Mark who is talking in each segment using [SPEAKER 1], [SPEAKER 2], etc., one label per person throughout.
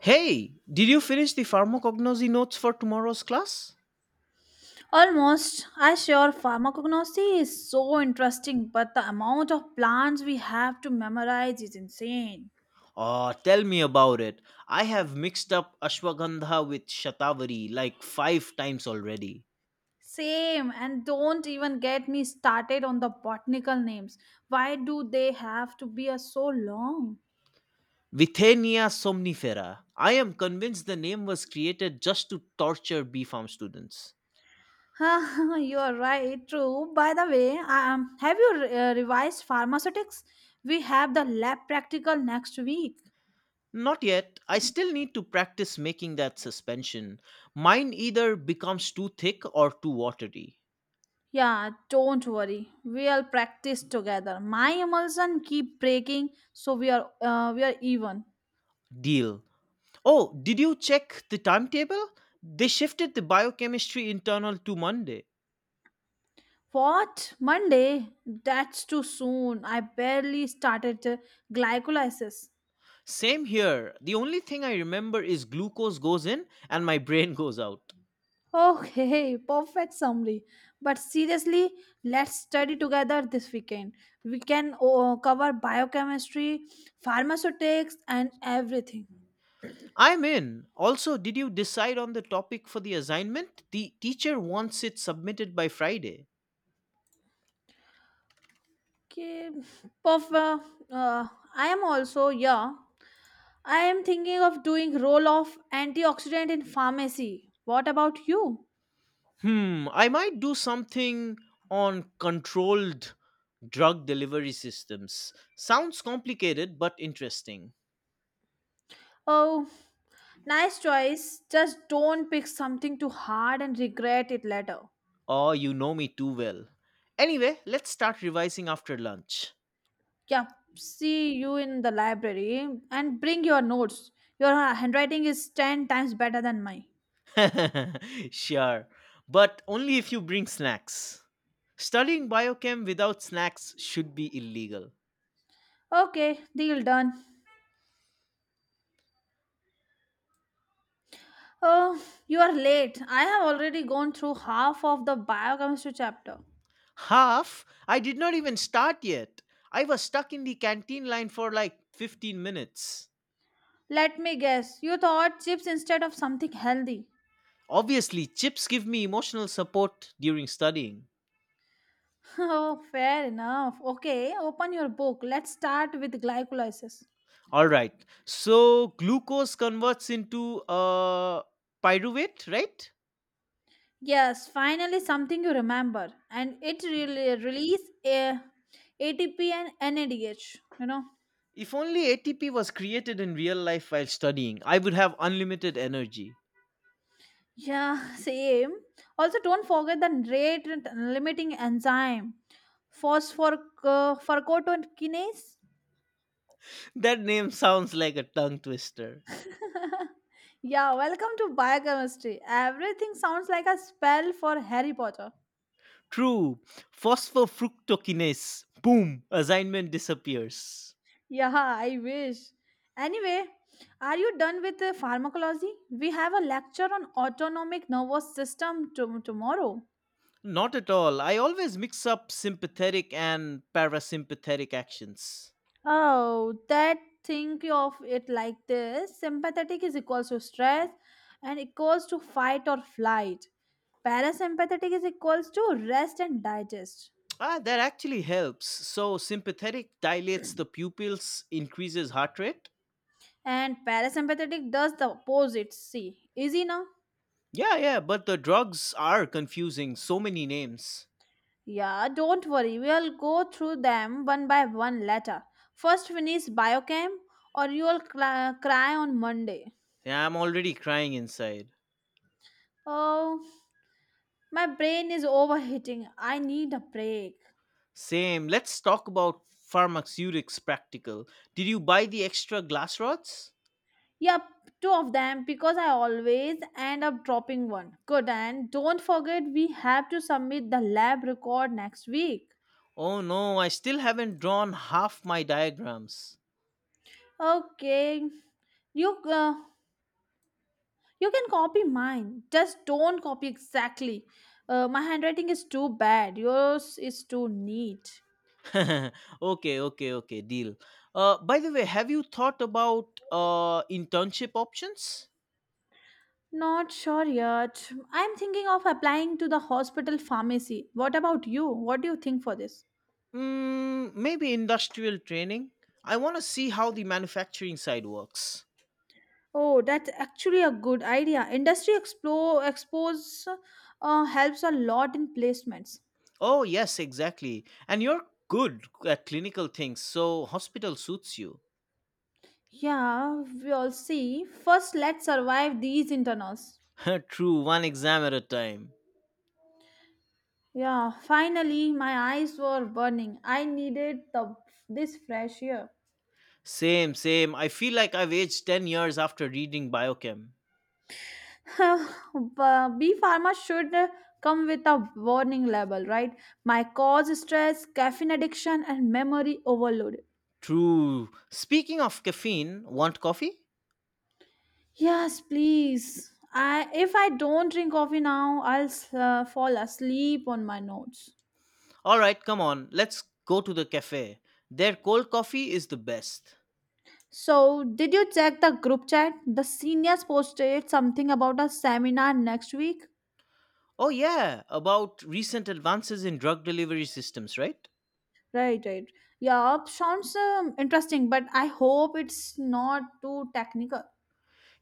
[SPEAKER 1] Hey, did you finish the pharmacognosy notes for tomorrow's class?
[SPEAKER 2] Almost, I sure pharmacognosy is so interesting, but the amount of plants we have to memorize is insane.
[SPEAKER 1] Oh, tell me about it. I have mixed up ashwagandha with shatavari like five times already.
[SPEAKER 2] Same, and don't even get me started on the botanical names. Why do they have to be so long?
[SPEAKER 1] Vithenia somnifera. I am convinced the name was created just to torture B Farm students.
[SPEAKER 2] You are right, true. By the way, have you revised pharmaceutics? We have the lab practical next week.
[SPEAKER 1] Not yet. I still need to practice making that suspension. Mine either becomes too thick or too watery.
[SPEAKER 2] Yeah, don't worry. We'll practice together. My emulsion keep breaking, so we are even.
[SPEAKER 1] Deal. Oh, did you check the timetable? They shifted the biochemistry internal to Monday.
[SPEAKER 2] What? Monday? That's too soon. I barely started glycolysis.
[SPEAKER 1] Same here. The only thing I remember is glucose goes in and my brain goes out.
[SPEAKER 2] Okay, perfect summary. But seriously, let's study together this weekend. We can cover biochemistry, pharmaceutics, and everything.
[SPEAKER 1] I'm in. Also, did you decide on the topic for the assignment? The teacher wants it submitted by Friday.
[SPEAKER 2] Okay, perfect. Uh, I am also, yeah. I am thinking of doing roll of antioxidant in pharmacy. What about you?
[SPEAKER 1] Hmm, I might do something on controlled drug delivery systems. Sounds complicated but interesting.
[SPEAKER 2] Oh, nice choice. Just don't pick something too hard and regret it later.
[SPEAKER 1] Oh, you know me too well. Anyway, let's start revising after lunch.
[SPEAKER 2] Yeah, see you in the library and bring your notes. Your handwriting is 10 times better than mine.
[SPEAKER 1] Sure, but only if you bring snacks. Studying biochem without snacks should be illegal.
[SPEAKER 2] Okay, deal done. Oh, you are late. I have already gone through half of the biochemistry chapter.
[SPEAKER 1] Half? I did not even start yet. I was stuck in the canteen line for like 15 minutes.
[SPEAKER 2] Let me guess, you thought chips instead of something healthy.
[SPEAKER 1] Obviously, chips give me emotional support during studying.
[SPEAKER 2] Oh, fair enough. Okay, open your book. Let's start with glycolysis.
[SPEAKER 1] Alright, so glucose converts into pyruvate, right?
[SPEAKER 2] Yes, finally something you remember, and it really release a ATP and NADH.
[SPEAKER 1] If only ATP was created in real life while studying, I would have unlimited energy.
[SPEAKER 2] Yeah, same. Also, don't forget the rate limiting enzyme, phosphorcorticokinase.
[SPEAKER 1] That name sounds like a tongue twister.
[SPEAKER 2] Yeah, welcome to biochemistry. Everything sounds like a spell for Harry Potter.
[SPEAKER 1] True. Phosphofructokinase. Boom. Assignment disappears.
[SPEAKER 2] Yeah, I wish. Anyway, are you done with the pharmacology? We have a lecture on autonomic nervous system tomorrow.
[SPEAKER 1] Not at all. I always mix up sympathetic and parasympathetic actions.
[SPEAKER 2] Oh, that think of it like this. Sympathetic is equals to stress and equals to fight or flight. Parasympathetic is equals to rest and digest.
[SPEAKER 1] Ah, that actually helps. So, sympathetic dilates the pupils, increases heart rate.
[SPEAKER 2] And parasympathetic does the opposite. See, easy now?
[SPEAKER 1] Yeah, yeah, but the drugs are confusing. So many names.
[SPEAKER 2] Yeah, don't worry. We'll go through them one by one later. First, finish biochem, or you'll cry on Monday.
[SPEAKER 1] Yeah, I'm already crying inside.
[SPEAKER 2] Oh, my brain is overheating. I need a break.
[SPEAKER 1] Same. Let's talk about pharmaceutics practical. Did you buy the extra glass rods?
[SPEAKER 2] Yep, two of them because I always end up dropping one. Good, and don't forget we have to submit the lab record next week.
[SPEAKER 1] Oh no, I still haven't drawn half my diagrams.
[SPEAKER 2] Okay, you uh, You can copy mine. Just don't copy exactly. My handwriting is too bad. Yours is too neat.
[SPEAKER 1] okay, okay, deal. By the way, have you thought about internship options?
[SPEAKER 2] Not sure yet. I'm thinking of applying to the hospital pharmacy. What about you? What do you think for this?
[SPEAKER 1] Mm, maybe industrial training. I want to see how the manufacturing side works.
[SPEAKER 2] Oh, that's actually a good idea. Industry explore, expose helps a lot in placements.
[SPEAKER 1] Oh, yes, exactly. And you're good at clinical things, so hospital suits you.
[SPEAKER 2] Yeah, we'll see. First, let's survive these internals.
[SPEAKER 1] True, one exam at a time.
[SPEAKER 2] Yeah, finally my eyes were burning. I needed the this fresh air.
[SPEAKER 1] Same, same. I feel like I've aged 10 years after reading Biochem.
[SPEAKER 2] Bee pharma should come with a warning label, right? My cause stress, caffeine addiction, and memory overload.
[SPEAKER 1] True. Speaking of caffeine, want coffee?
[SPEAKER 2] Yes, please. I if I don't drink coffee now, I'll fall asleep on my notes.
[SPEAKER 1] Alright, come on, let's go to the cafe. Their cold coffee is the best.
[SPEAKER 2] So, did you check the group chat? The seniors posted something about a seminar next week.
[SPEAKER 1] Oh, yeah, about recent advances in drug delivery systems, right?
[SPEAKER 2] Right, right. Yeah, sounds interesting, but I hope it's not too technical.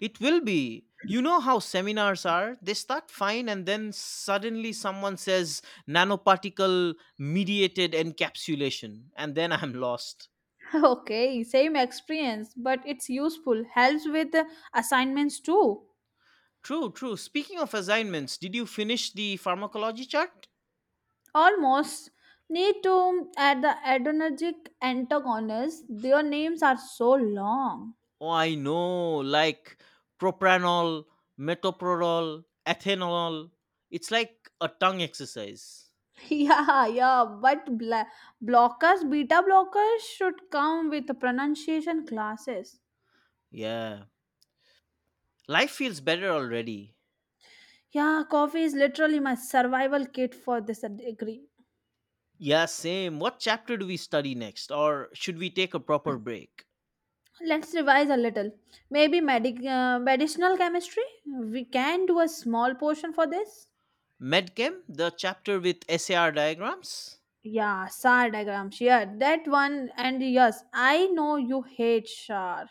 [SPEAKER 1] It will be. You know how seminars are? They start fine and then suddenly someone says nanoparticle mediated encapsulation, and then I'm lost.
[SPEAKER 2] Okay, same experience, but it's useful. Helps with assignments too.
[SPEAKER 1] True, true. Speaking of assignments, did you finish the pharmacology chart?
[SPEAKER 2] Almost need to add the adrenergic antagonists. Their names are so long.
[SPEAKER 1] Oh, I know, like propanol, metoprolol, ethanol. It's like a tongue exercise.
[SPEAKER 2] Yeah, yeah, but blockers, beta blockers should come with pronunciation classes.
[SPEAKER 1] Yeah. Life feels better already.
[SPEAKER 2] Yeah, coffee is literally my survival kit for this degree.
[SPEAKER 1] Yeah, same. What chapter do we study next? Or should we take a proper break?
[SPEAKER 2] Let's revise a little. Maybe medicinal chemistry? We can do a small portion for this.
[SPEAKER 1] Medchem, the chapter with SAR diagrams?
[SPEAKER 2] Yeah, SAR diagram. Yeah, that one. And yes, I know you hate SAR.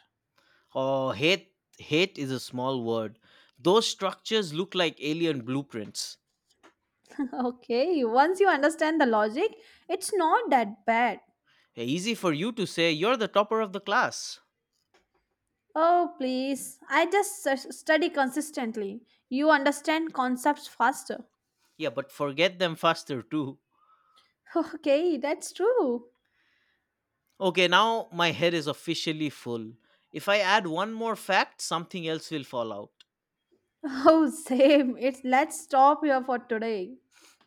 [SPEAKER 1] Oh, hate, hate is a small word. Those structures look like alien blueprints.
[SPEAKER 2] Okay, once you understand the logic, it's not that bad.
[SPEAKER 1] Hey, easy for you to say, you're the topper of the class.
[SPEAKER 2] Oh, please. I just study consistently. You understand concepts faster.
[SPEAKER 1] Yeah, but forget them faster too.
[SPEAKER 2] Okay, that's true.
[SPEAKER 1] Okay, now my head is officially full. If I add one more fact, something else will fall out.
[SPEAKER 2] Oh, same. It's let's stop here for today.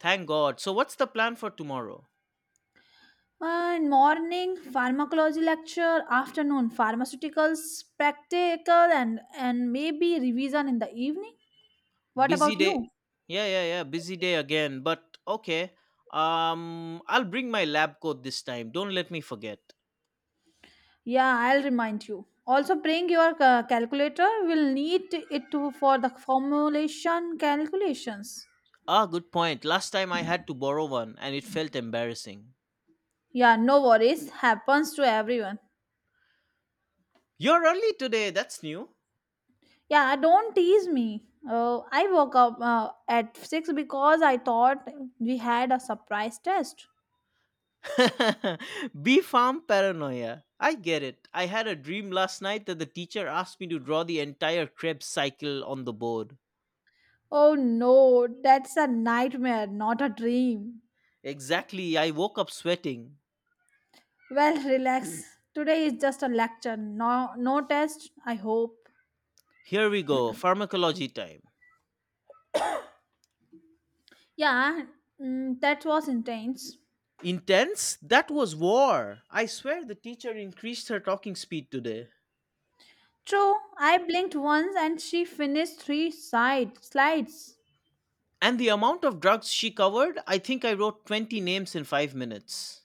[SPEAKER 1] Thank God. So, what's the plan for tomorrow?
[SPEAKER 2] And morning pharmacology lecture, afternoon pharmaceuticals practical, and maybe revision in the evening. What
[SPEAKER 1] Busy
[SPEAKER 2] about
[SPEAKER 1] day.
[SPEAKER 2] you?
[SPEAKER 1] Yeah, yeah, yeah. Busy day again. But okay. I'll bring my lab coat this time. Don't let me forget.
[SPEAKER 2] Yeah, I'll remind you. Also, bring your calculator. We'll need it for the formulation calculations.
[SPEAKER 1] Ah, good point. Last time I had to borrow one and it felt embarrassing.
[SPEAKER 2] Yeah, no worries. Happens to everyone.
[SPEAKER 1] You're early today. That's new.
[SPEAKER 2] Yeah, don't tease me. Oh, I woke up at 6 because I thought we had a surprise test.
[SPEAKER 1] Bee farm paranoia. I get it. I had a dream last night that the teacher asked me to draw the entire Krebs cycle on the board.
[SPEAKER 2] Oh no, that's a nightmare, not a dream.
[SPEAKER 1] Exactly, I woke up sweating.
[SPEAKER 2] Well, relax. Today is just a lecture, no, no test, I hope.
[SPEAKER 1] Here we go, pharmacology time.
[SPEAKER 2] Yeah, that was intense.
[SPEAKER 1] Intense? That was war. I swear the teacher increased her talking speed today.
[SPEAKER 2] True, I blinked once and she finished three side slides.
[SPEAKER 1] And the amount of drugs she covered, I think I wrote 20 names in 5 minutes.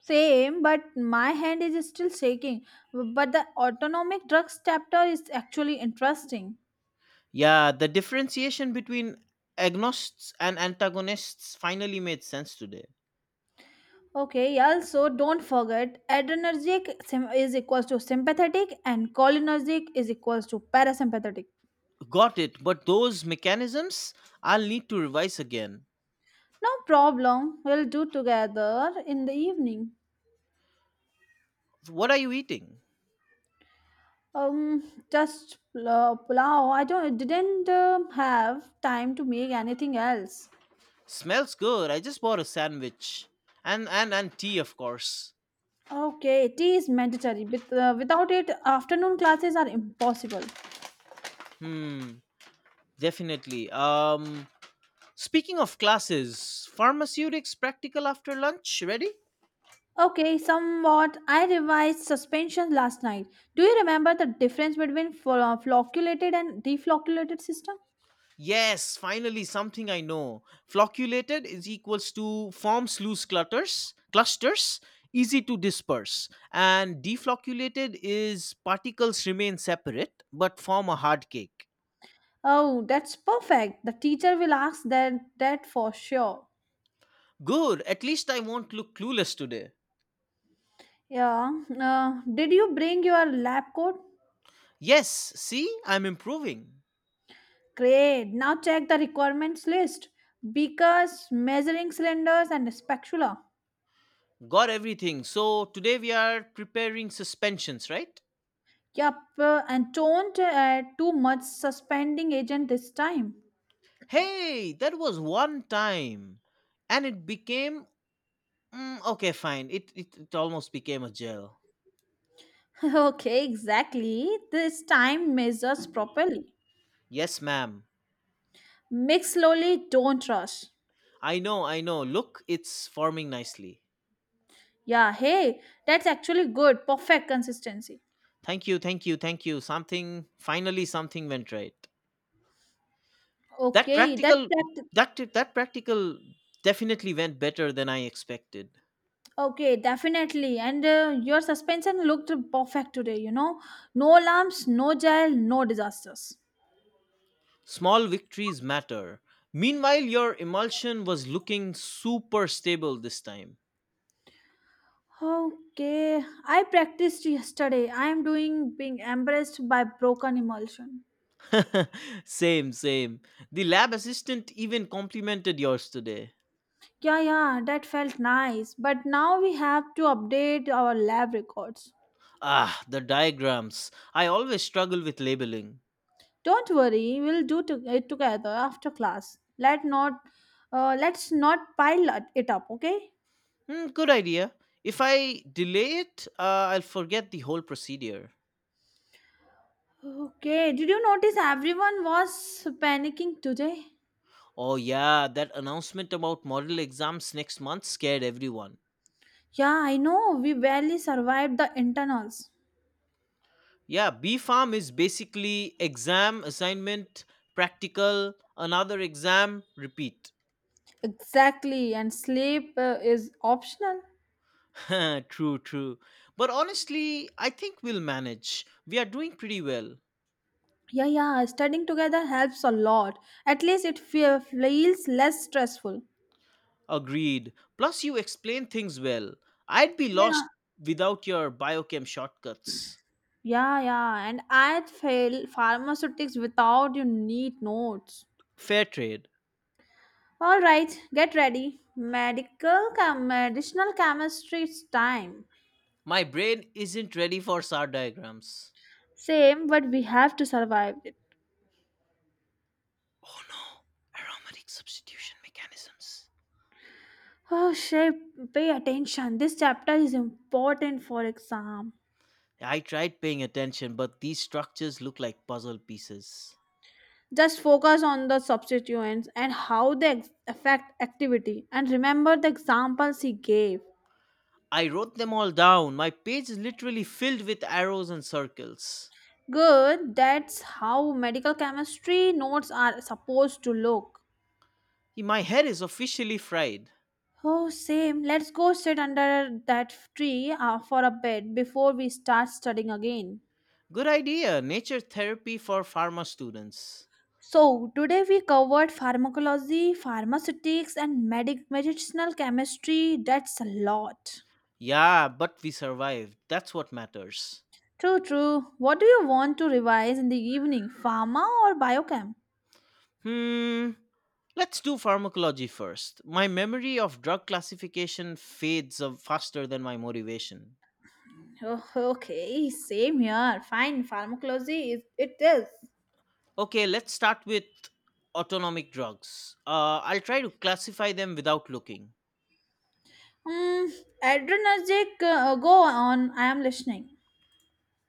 [SPEAKER 2] Same, but my hand is still shaking. But the autonomic drugs chapter is actually interesting.
[SPEAKER 1] Yeah, the differentiation between agonists and antagonists finally made sense today.
[SPEAKER 2] Okay, also don't forget adrenergic is equals to sympathetic and cholinergic is equals to parasympathetic.
[SPEAKER 1] Got it, but those mechanisms, I'll need to revise again.
[SPEAKER 2] No problem, we'll do together in the evening.
[SPEAKER 1] What are you eating?
[SPEAKER 2] Um, just pulao. I don't didn't have time to make anything else.
[SPEAKER 1] Smells good. I just bought a sandwich. And tea, of course.
[SPEAKER 2] Okay, tea is mandatory. Without it, afternoon classes are impossible.
[SPEAKER 1] Hmm, definitely. Speaking of classes, pharmaceutics practical after lunch, ready?
[SPEAKER 2] Okay, somewhat. I revised suspension last night. Do you remember the difference between flocculated and deflocculated system?
[SPEAKER 1] Yes, finally something I know. Flocculated is equals to forms loose clutters, clusters, easy to disperse. And deflocculated is particles remain separate but form a hard cake.
[SPEAKER 2] Oh, that's perfect. The teacher will ask that for sure.
[SPEAKER 1] Good, at least I won't look clueless today.
[SPEAKER 2] Yeah. Did you bring your lab coat?
[SPEAKER 1] Yes, see, I'm improving.
[SPEAKER 2] Great. Now check the requirements list: beakers, measuring cylinders, and spatula.
[SPEAKER 1] Got everything. So today we are preparing suspensions, right?
[SPEAKER 2] Yup. And don't add too much suspending agent this time.
[SPEAKER 1] Hey, that was one time. And it became. Mm, okay, fine. It almost became a gel.
[SPEAKER 2] Okay, exactly. This time measures properly.
[SPEAKER 1] Yes, ma'am.
[SPEAKER 2] Mix slowly, don't rush.
[SPEAKER 1] I know, I know. Look, it's forming nicely.
[SPEAKER 2] Yeah, hey, that's actually good. Perfect consistency.
[SPEAKER 1] Thank you, thank you, thank you. Something finally something went right. That
[SPEAKER 2] Okay, that's
[SPEAKER 1] practical
[SPEAKER 2] that.
[SPEAKER 1] that practical definitely went better than I expected.
[SPEAKER 2] Okay, definitely. And your suspension looked perfect today. No lumps, no gel, no disasters.
[SPEAKER 1] Small victories matter. Meanwhile, your emulsion was looking super stable this time.
[SPEAKER 2] Okay, I practiced yesterday. I am doing being embarrassed by broken emulsion.
[SPEAKER 1] Same, same. The lab assistant even complimented yours today.
[SPEAKER 2] Yeah, yeah, that felt nice. But now we have to update our lab records.
[SPEAKER 1] Ah, the diagrams. I always struggle with labeling.
[SPEAKER 2] Don't worry, we'll do it together after class. Let's not pile it up, okay?
[SPEAKER 1] Hmm, good idea. If I delay it, I'll forget the whole procedure.
[SPEAKER 2] Okay. Did you notice everyone was panicking today?
[SPEAKER 1] Oh, yeah, that announcement about model exams next month scared everyone.
[SPEAKER 2] Yeah, I know. We barely survived the internals.
[SPEAKER 1] Yeah, B Farm is basically exam, assignment, practical, another exam, repeat.
[SPEAKER 2] Exactly, and sleep is optional.
[SPEAKER 1] True, true. But honestly, I think we'll manage. We are doing pretty well.
[SPEAKER 2] Yeah, yeah. Studying together helps a lot. At least it feels less stressful.
[SPEAKER 1] Agreed. Plus, you explain things well. I'd be
[SPEAKER 2] Yeah.
[SPEAKER 1] lost without your biochem shortcuts.
[SPEAKER 2] Yeah, yeah. And I fail pharmaceutics without you need notes.
[SPEAKER 1] Fair trade.
[SPEAKER 2] All right, get ready. Medical medicinal chemistry is time.
[SPEAKER 1] My brain isn't ready for SAR diagrams.
[SPEAKER 2] Same, but we have to survive it.
[SPEAKER 1] Oh no, aromatic substitution mechanisms.
[SPEAKER 2] Oh, shape, pay attention. This chapter is important for exam.
[SPEAKER 1] I tried paying attention, but these structures look like puzzle pieces.
[SPEAKER 2] Just focus on the substituents and how they affect activity and remember the examples he gave.
[SPEAKER 1] I wrote them all down. My page is literally filled with arrows and circles.
[SPEAKER 2] Good, that's how medical chemistry notes are supposed to look.
[SPEAKER 1] My head is officially fried.
[SPEAKER 2] Oh, same. Let's go sit under that tree for a bit before we start studying again.
[SPEAKER 1] Good idea, nature therapy for pharma students.
[SPEAKER 2] So, today we covered pharmacology, pharmaceutics, and medicinal chemistry. That's a lot.
[SPEAKER 1] Yeah, but we survived. That's what matters.
[SPEAKER 2] True, true. What do you want to revise in the evening? Pharma or biochem?
[SPEAKER 1] Hmm. Let's do pharmacology first. My memory of drug classification fades of faster than my motivation.
[SPEAKER 2] Oh, okay, same here. Fine, pharmacology is it is.
[SPEAKER 1] Okay, let's start with autonomic drugs. I'll try to classify them without looking.
[SPEAKER 2] Hmm, adrenergic. Go on. I am listening.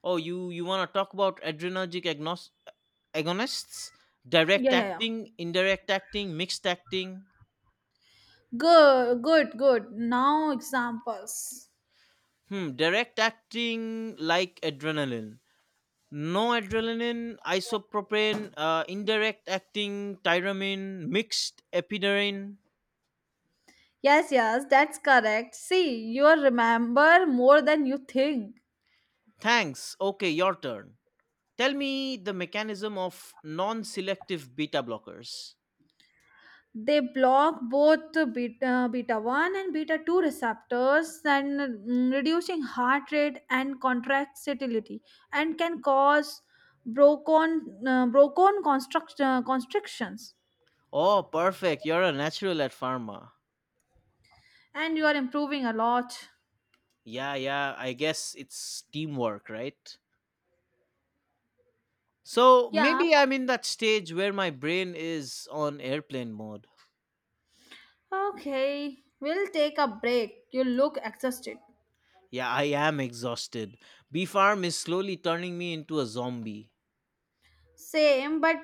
[SPEAKER 1] Oh, you want to talk about agonists?
[SPEAKER 2] Yeah,
[SPEAKER 1] Direct
[SPEAKER 2] yeah, yeah.
[SPEAKER 1] acting, indirect acting, mixed acting.
[SPEAKER 2] Good, good, good. Now examples.
[SPEAKER 1] Hmm, direct acting like adrenaline. Noradrenaline, isopropane, indirect acting, tyramine, mixed epiderine.
[SPEAKER 2] Yes, yes, that's correct. See, you remember more than you think.
[SPEAKER 1] Thanks. Okay, your turn. Tell me the mechanism of non selective beta blockers.
[SPEAKER 2] They block both beta 1 and beta 2 receptors and reducing heart rate and contractility and can cause bronchon constrictions.
[SPEAKER 1] Oh, perfect. You're a natural at pharma.
[SPEAKER 2] And you are improving a lot.
[SPEAKER 1] Yeah, yeah, I guess it's teamwork, right? So
[SPEAKER 2] Yeah,
[SPEAKER 1] maybe I'm in that stage where my brain is on airplane mode.
[SPEAKER 2] okay. We'll take a break. You look exhausted.
[SPEAKER 1] Yeah, I am exhausted. B Farm is slowly turning me into a zombie.
[SPEAKER 2] Same, but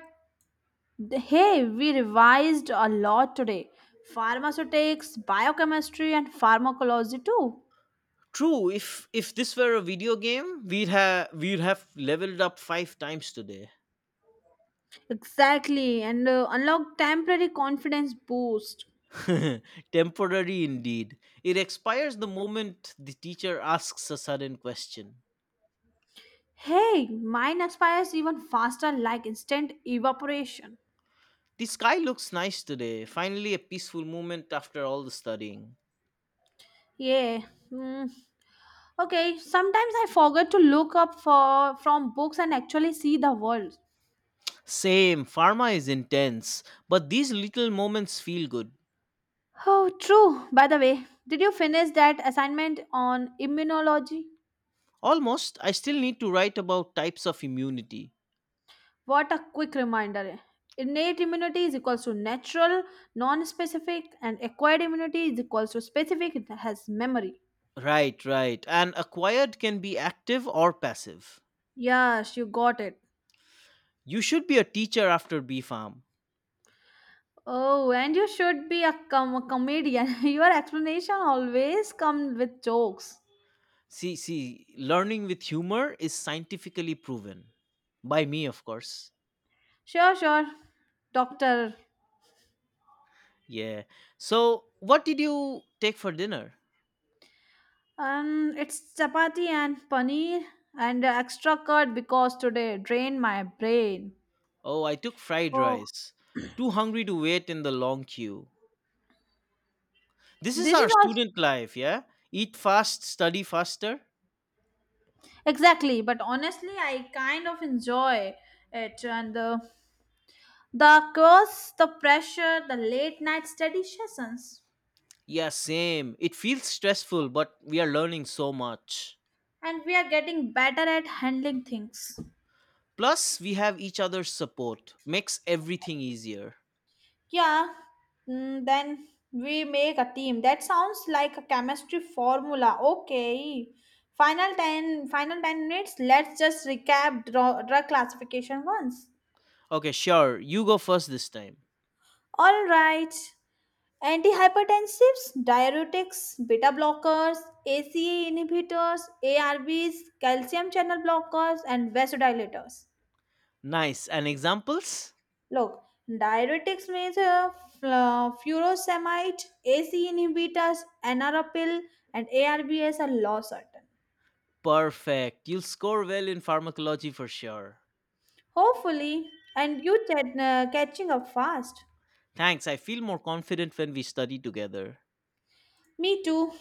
[SPEAKER 2] Hey, we revised a lot today. Pharmaceutics, biochemistry, and pharmacology too.
[SPEAKER 1] True. If this were a video game, we'd have leveled up five times today.
[SPEAKER 2] Exactly, and unlock temporary confidence boost.
[SPEAKER 1] Temporary indeed. It expires the moment the teacher asks a sudden question.
[SPEAKER 2] Hey, mine aspires even faster, like instant evaporation.
[SPEAKER 1] The sky looks nice today. Finally, a peaceful moment after all the studying.
[SPEAKER 2] Yeah. Hmm. Okay. Sometimes I forget to look up for from books and actually see the world.
[SPEAKER 1] Same. Pharma is intense, but these little moments feel good.
[SPEAKER 2] Oh, true. By the way, did you finish that assignment on immunology?
[SPEAKER 1] Almost. I still need to write about types of immunity.
[SPEAKER 2] What a quick reminder. Innate immunity is equals to natural, non-specific, and acquired immunity is equals to specific. It has memory.
[SPEAKER 1] Right, right. And acquired can be active or passive.
[SPEAKER 2] Yes, you got it.
[SPEAKER 1] You should be a teacher after B Farm.
[SPEAKER 2] Oh, and you should be a comedian. Your explanation always come with jokes.
[SPEAKER 1] See, see, learning with humor is scientifically proven. By me, of course.
[SPEAKER 2] Sure, sure, doctor.
[SPEAKER 1] Yeah. So, what did you take for dinner?
[SPEAKER 2] It's chapati and paneer and extra curd because today drained my brain.
[SPEAKER 1] Oh, I took fried
[SPEAKER 2] Oh,
[SPEAKER 1] rice. Too hungry to wait in the long queue. This is
[SPEAKER 2] this is
[SPEAKER 1] our
[SPEAKER 2] our.
[SPEAKER 1] student life, yeah? Eat fast, study faster.
[SPEAKER 2] Exactly, but honestly, I kind of enjoy it, and the course, the pressure, the late night study sessions,
[SPEAKER 1] Yeah, same. It feels stressful, but we are learning so much.
[SPEAKER 2] and we are getting better at handling things.
[SPEAKER 1] Plus, we have each other's support. Makes everything easier.
[SPEAKER 2] Yeah, then we make a team. That sounds like a chemistry formula. Okay, final 10, final 10 minutes. Let's just recap drug classification once.
[SPEAKER 1] Okay, sure. You go first this time.
[SPEAKER 2] All right. Antihypertensives, diuretics, beta blockers, ACE inhibitors, ARBs, calcium channel blockers, and vasodilators.
[SPEAKER 1] Nice. And examples?
[SPEAKER 2] Look, diuretics means furosemide, ACE inhibitors, NRapil, and ARBs are low.
[SPEAKER 1] Perfect. You'll score well in pharmacology for sure.
[SPEAKER 2] Hopefully, and you catching up fast.
[SPEAKER 1] Thanks. I feel more confident when we study together.
[SPEAKER 2] Me too.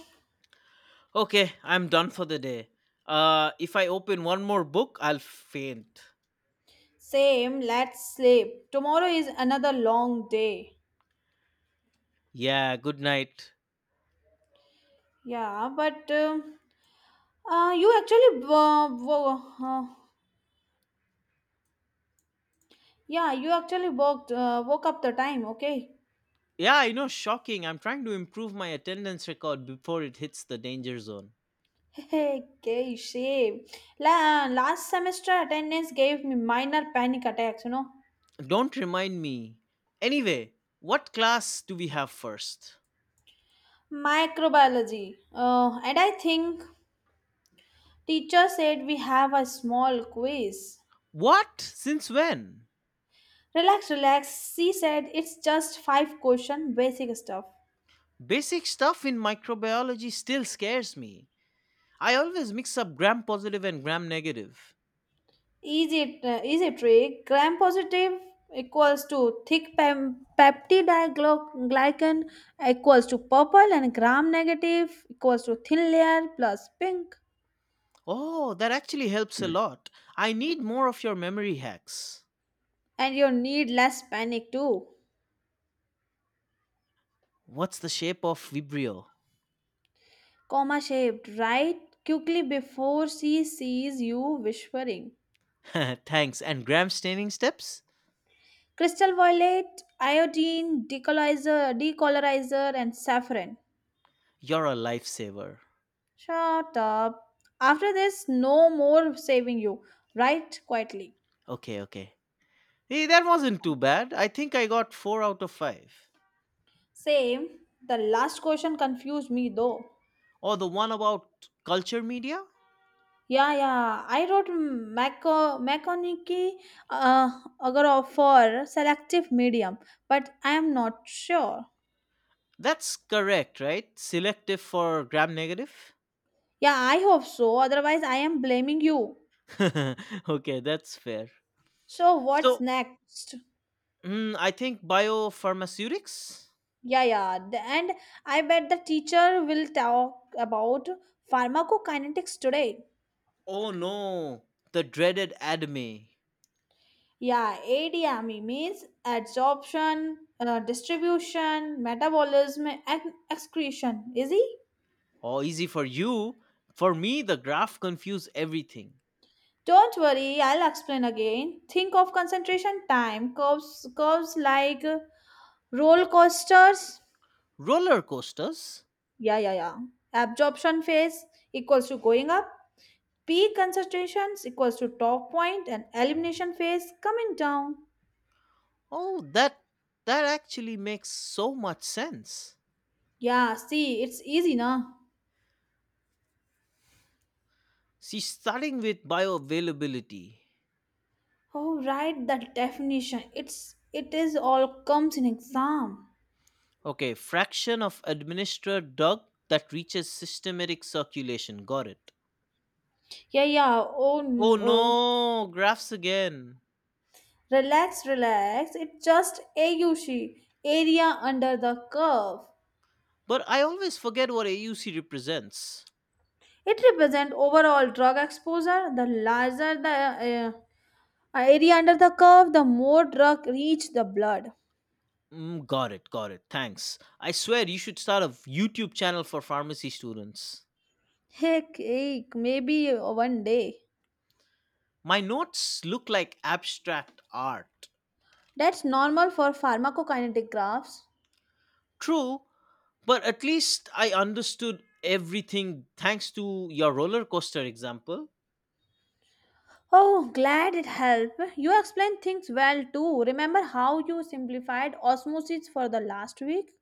[SPEAKER 1] Okay, I'm done for the day. If I open one more book, I'll faint.
[SPEAKER 2] Same. Let's sleep. Tomorrow is another long day.
[SPEAKER 1] Yeah, good night.
[SPEAKER 2] Yeah, but. Uh, you actually, uh, wo- uh, yeah, you actually woke up the time, okay?
[SPEAKER 1] Yeah, I know, shocking. I'm trying to improve my attendance record before it hits the danger zone.
[SPEAKER 2] Okay, shame. Last semester attendance, gave me "minor panic attacks.
[SPEAKER 1] Don't remind me. Anyway, what class do we have first?
[SPEAKER 2] Microbiology. And I think teacher said we have a small quiz.
[SPEAKER 1] What? Since when?
[SPEAKER 2] Relax, relax. She said it's just five question, basic stuff.
[SPEAKER 1] Basic stuff in microbiology still scares me. I always mix up gram positive and gram negative.
[SPEAKER 2] Easy trick. Gram positive equals to thick peptidoglycan equals to purple, and gram negative equals to thin layer plus pink.
[SPEAKER 1] Oh, that actually helps a lot. I need more of your memory hacks.
[SPEAKER 2] And you need less panic too.
[SPEAKER 1] What's the shape of Vibrio?
[SPEAKER 2] Comma shaped, right? Quickly before she sees you whispering.
[SPEAKER 1] Thanks. And gram staining steps?
[SPEAKER 2] Crystal violet, iodine, decolorizer, and saffron.
[SPEAKER 1] You're a lifesaver.
[SPEAKER 2] Shut up. After this, no more saving you. Write quietly.
[SPEAKER 1] Okay, okay. Hey, that wasn't too bad. I think I got 4 out of 5.
[SPEAKER 2] Same. The last question confused me though.
[SPEAKER 1] Or the one about culture media?
[SPEAKER 2] Yeah, yeah. I wrote Maconiki uh, Agarov for selective medium, but I am not sure.
[SPEAKER 1] That's correct, right? Selective for gram negative?
[SPEAKER 2] Yeah, I hope so. Otherwise, I am blaming you.
[SPEAKER 1] Okay, that's fair.
[SPEAKER 2] So what's
[SPEAKER 1] So,
[SPEAKER 2] next?
[SPEAKER 1] mm, I think biopharmaceutics.
[SPEAKER 2] Yeah, yeah. And I bet the teacher will talk about pharmacokinetics today.
[SPEAKER 1] Oh no, the dreaded anime.
[SPEAKER 2] Yeah, ADME means adsorption, distribution, metabolism, and excretion. Easy?
[SPEAKER 1] Oh, easy for you. For me, the graph confused everything.
[SPEAKER 2] Don't worry, I'll explain again. Think of concentration time curves like roller coasters.
[SPEAKER 1] Roller coasters?
[SPEAKER 2] Yeah, yeah, yeah. Absorption phase equals to going up. Peak concentrations equals to top point, and elimination phase coming down.
[SPEAKER 1] Oh, that actually makes so much sense.
[SPEAKER 2] Yeah, see, it's easy, na?
[SPEAKER 1] See, starting with bioavailability.
[SPEAKER 2] Oh, right, that definition. It is all comes in exam.
[SPEAKER 1] Okay, fraction of administered drug that reaches systematic circulation. Got it.
[SPEAKER 2] Yeah, yeah. Oh,
[SPEAKER 1] Oh
[SPEAKER 2] no.
[SPEAKER 1] no, graphs again.
[SPEAKER 2] Relax, relax. It's just AUC area under the curve.
[SPEAKER 1] But I always forget what AUC represents.
[SPEAKER 2] It represents overall drug exposure. The larger the area under the curve, the more drug reach the blood.
[SPEAKER 1] Mm, got it, got it. Thanks. I swear you should start a YouTube channel for pharmacy students.
[SPEAKER 2] Heck, heck, maybe one day.
[SPEAKER 1] My notes look like abstract art.
[SPEAKER 2] That's normal for pharmacokinetic graphs.
[SPEAKER 1] True, but at least I understood everything thanks to your roller coaster example.
[SPEAKER 2] Oh, glad it helped. You explained things well too. Remember how you simplified osmosis for the last week?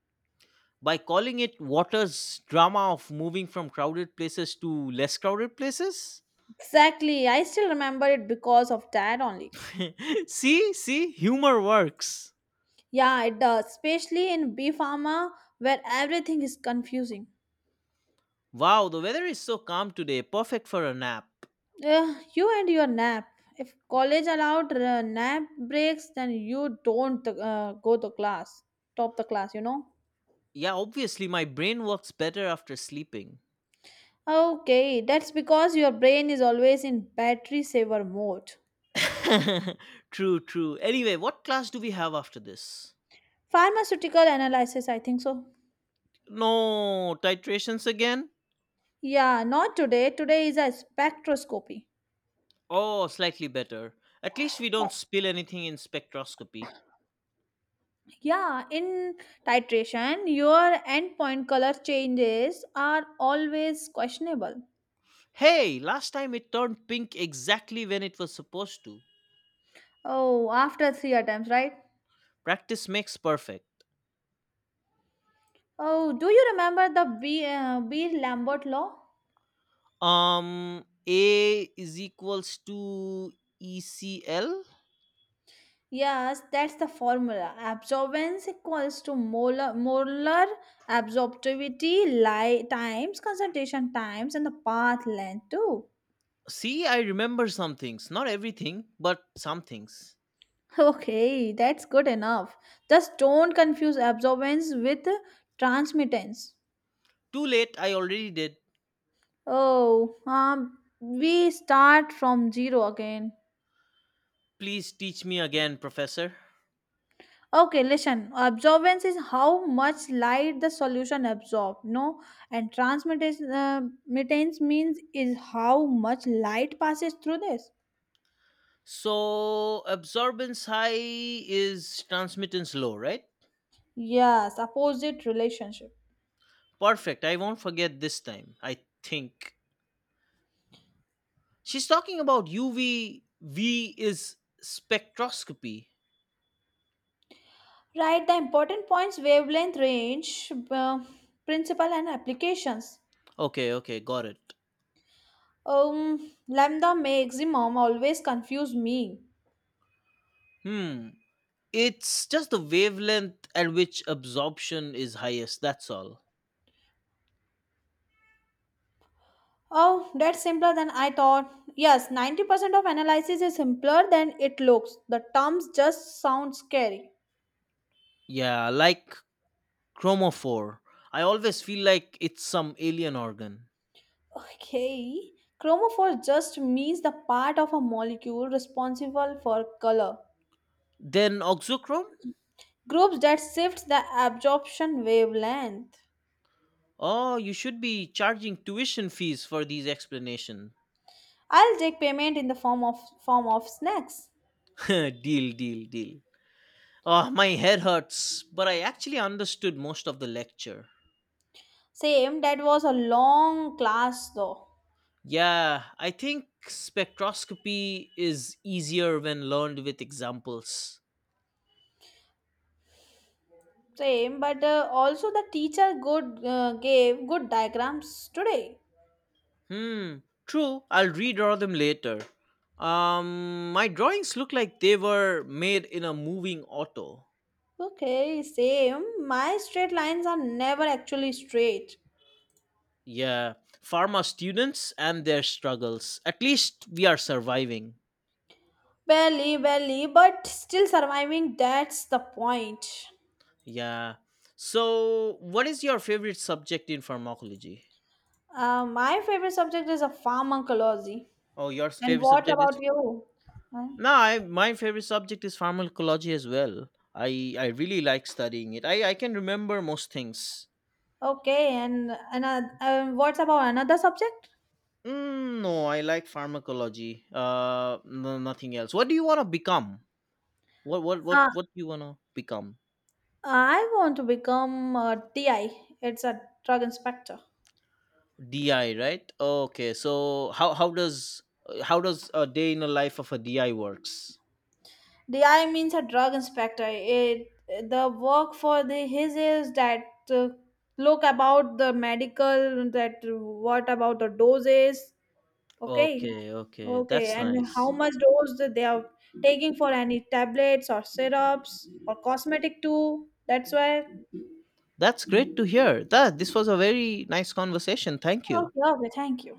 [SPEAKER 1] By calling it Water's drama of moving from crowded places to less crowded places?
[SPEAKER 2] Exactly. I still remember it because of that only.
[SPEAKER 1] See, see, humor works.
[SPEAKER 2] Yeah, it does. Especially in B Pharma where everything is confusing.
[SPEAKER 1] Wow, the weather is so calm today, perfect for a nap.
[SPEAKER 2] Ugh, you and your nap. If college allowed nap breaks, then you don't go to class. Top the class.
[SPEAKER 1] Yeah, obviously, my brain works better after sleeping.
[SPEAKER 2] Okay, that's because your brain is always in battery saver mode.
[SPEAKER 1] True, true. Anyway, what class do we have after this?
[SPEAKER 2] Pharmaceutical analysis, I think so.
[SPEAKER 1] No, titrations again?
[SPEAKER 2] Yeah, not today. Today is a spectroscopy.
[SPEAKER 1] Oh, slightly better. At least we don't spill anything in spectroscopy.
[SPEAKER 2] Yeah, in titration, your endpoint color changes are always questionable.
[SPEAKER 1] Hey, last time it turned pink exactly when it was supposed to.
[SPEAKER 2] Oh, after three attempts, right?
[SPEAKER 1] Practice makes perfect.
[SPEAKER 2] Oh, do you remember the B Lambert law?
[SPEAKER 1] A is equals to ECL?
[SPEAKER 2] Yes, that's the formula. Absorbance equals to molar absorptivity times concentration times and the path length too.
[SPEAKER 1] See, I remember some things. Not everything, but some things.
[SPEAKER 2] Okay, that's good enough. Just don't confuse absorbance with transmittance.
[SPEAKER 1] Too late, I already did.
[SPEAKER 2] Oh, we start from zero again.
[SPEAKER 1] Please teach me again, professor.
[SPEAKER 2] Okay, listen. Absorbance is how much light the solution absorbs, no? And transmittance mittance means is how much light passes through this.
[SPEAKER 1] So absorbance high is transmittance low, right?
[SPEAKER 2] Yes, opposite relationship.
[SPEAKER 1] Perfect. I won't forget this time. I think she's talking about UV. V is spectroscopy.
[SPEAKER 2] Right, the important points wavelength range, principle, and applications.
[SPEAKER 1] Okay, okay, got it.
[SPEAKER 2] Lambda maximum always confuse me.
[SPEAKER 1] Hmm. It's just the wavelength at which absorption is highest. That's all.
[SPEAKER 2] Oh, that's simpler than I thought. Yes, 90% of analysis is simpler than it looks. The terms just sound scary.
[SPEAKER 1] Yeah, like chromophore. I always feel like it's some alien organ.
[SPEAKER 2] Okay. Chromophore just means the part of a molecule responsible for color.
[SPEAKER 1] Then oxochrome.
[SPEAKER 2] Groups that shifts the absorption wavelength.
[SPEAKER 1] Oh, you should be charging tuition fees for these explanations.
[SPEAKER 2] I'll take payment in the form of snacks.
[SPEAKER 1] Deal, deal, deal. Oh, my head hurts, but I actually understood most of the lecture.
[SPEAKER 2] Same, that was a long class though.
[SPEAKER 1] Yeah, I think spectroscopy is easier when learned with examples.
[SPEAKER 2] Same but also the teacher good gave good diagrams today.
[SPEAKER 1] Hmm, true. I'll redraw them later. My drawings look like they were made in a moving auto.
[SPEAKER 2] Okay, same, my straight lines are never actually straight.
[SPEAKER 1] Yeah, pharma students and their struggles. At least we are surviving.
[SPEAKER 2] Barely, barely, but still surviving, that's the point.
[SPEAKER 1] Yeah. So, what is your favorite subject in pharmacology?
[SPEAKER 2] My favorite subject is a pharmacology,
[SPEAKER 1] Oh, your
[SPEAKER 2] and
[SPEAKER 1] favorite
[SPEAKER 2] what
[SPEAKER 1] subject is?
[SPEAKER 2] about you? Huh?
[SPEAKER 1] No, I, my favorite subject is pharmacology as well. I really like studying it. I can remember most things.
[SPEAKER 2] Okay, and another, what's about another subject?
[SPEAKER 1] Mm, no, I like pharmacology. No, nothing else. What do you want to become? What what what
[SPEAKER 2] uh,
[SPEAKER 1] what do you want to become?
[SPEAKER 2] I want to become a ti it's a drug inspector.
[SPEAKER 1] DI, right? Okay. So how does a day in the life of a DI works?
[SPEAKER 2] The I means a drug inspector. It The work for the his is that uh, look about the medical that what about the doses. Okay,
[SPEAKER 1] Okay, okay.
[SPEAKER 2] okay,
[SPEAKER 1] That's
[SPEAKER 2] and how
[SPEAKER 1] nice.
[SPEAKER 2] much dose that they are taking for any tablets or syrups or cosmetic too. That's why.
[SPEAKER 1] That's great to hear. That this was a very nice conversation. Thank you.
[SPEAKER 2] Okay, okay, thank you.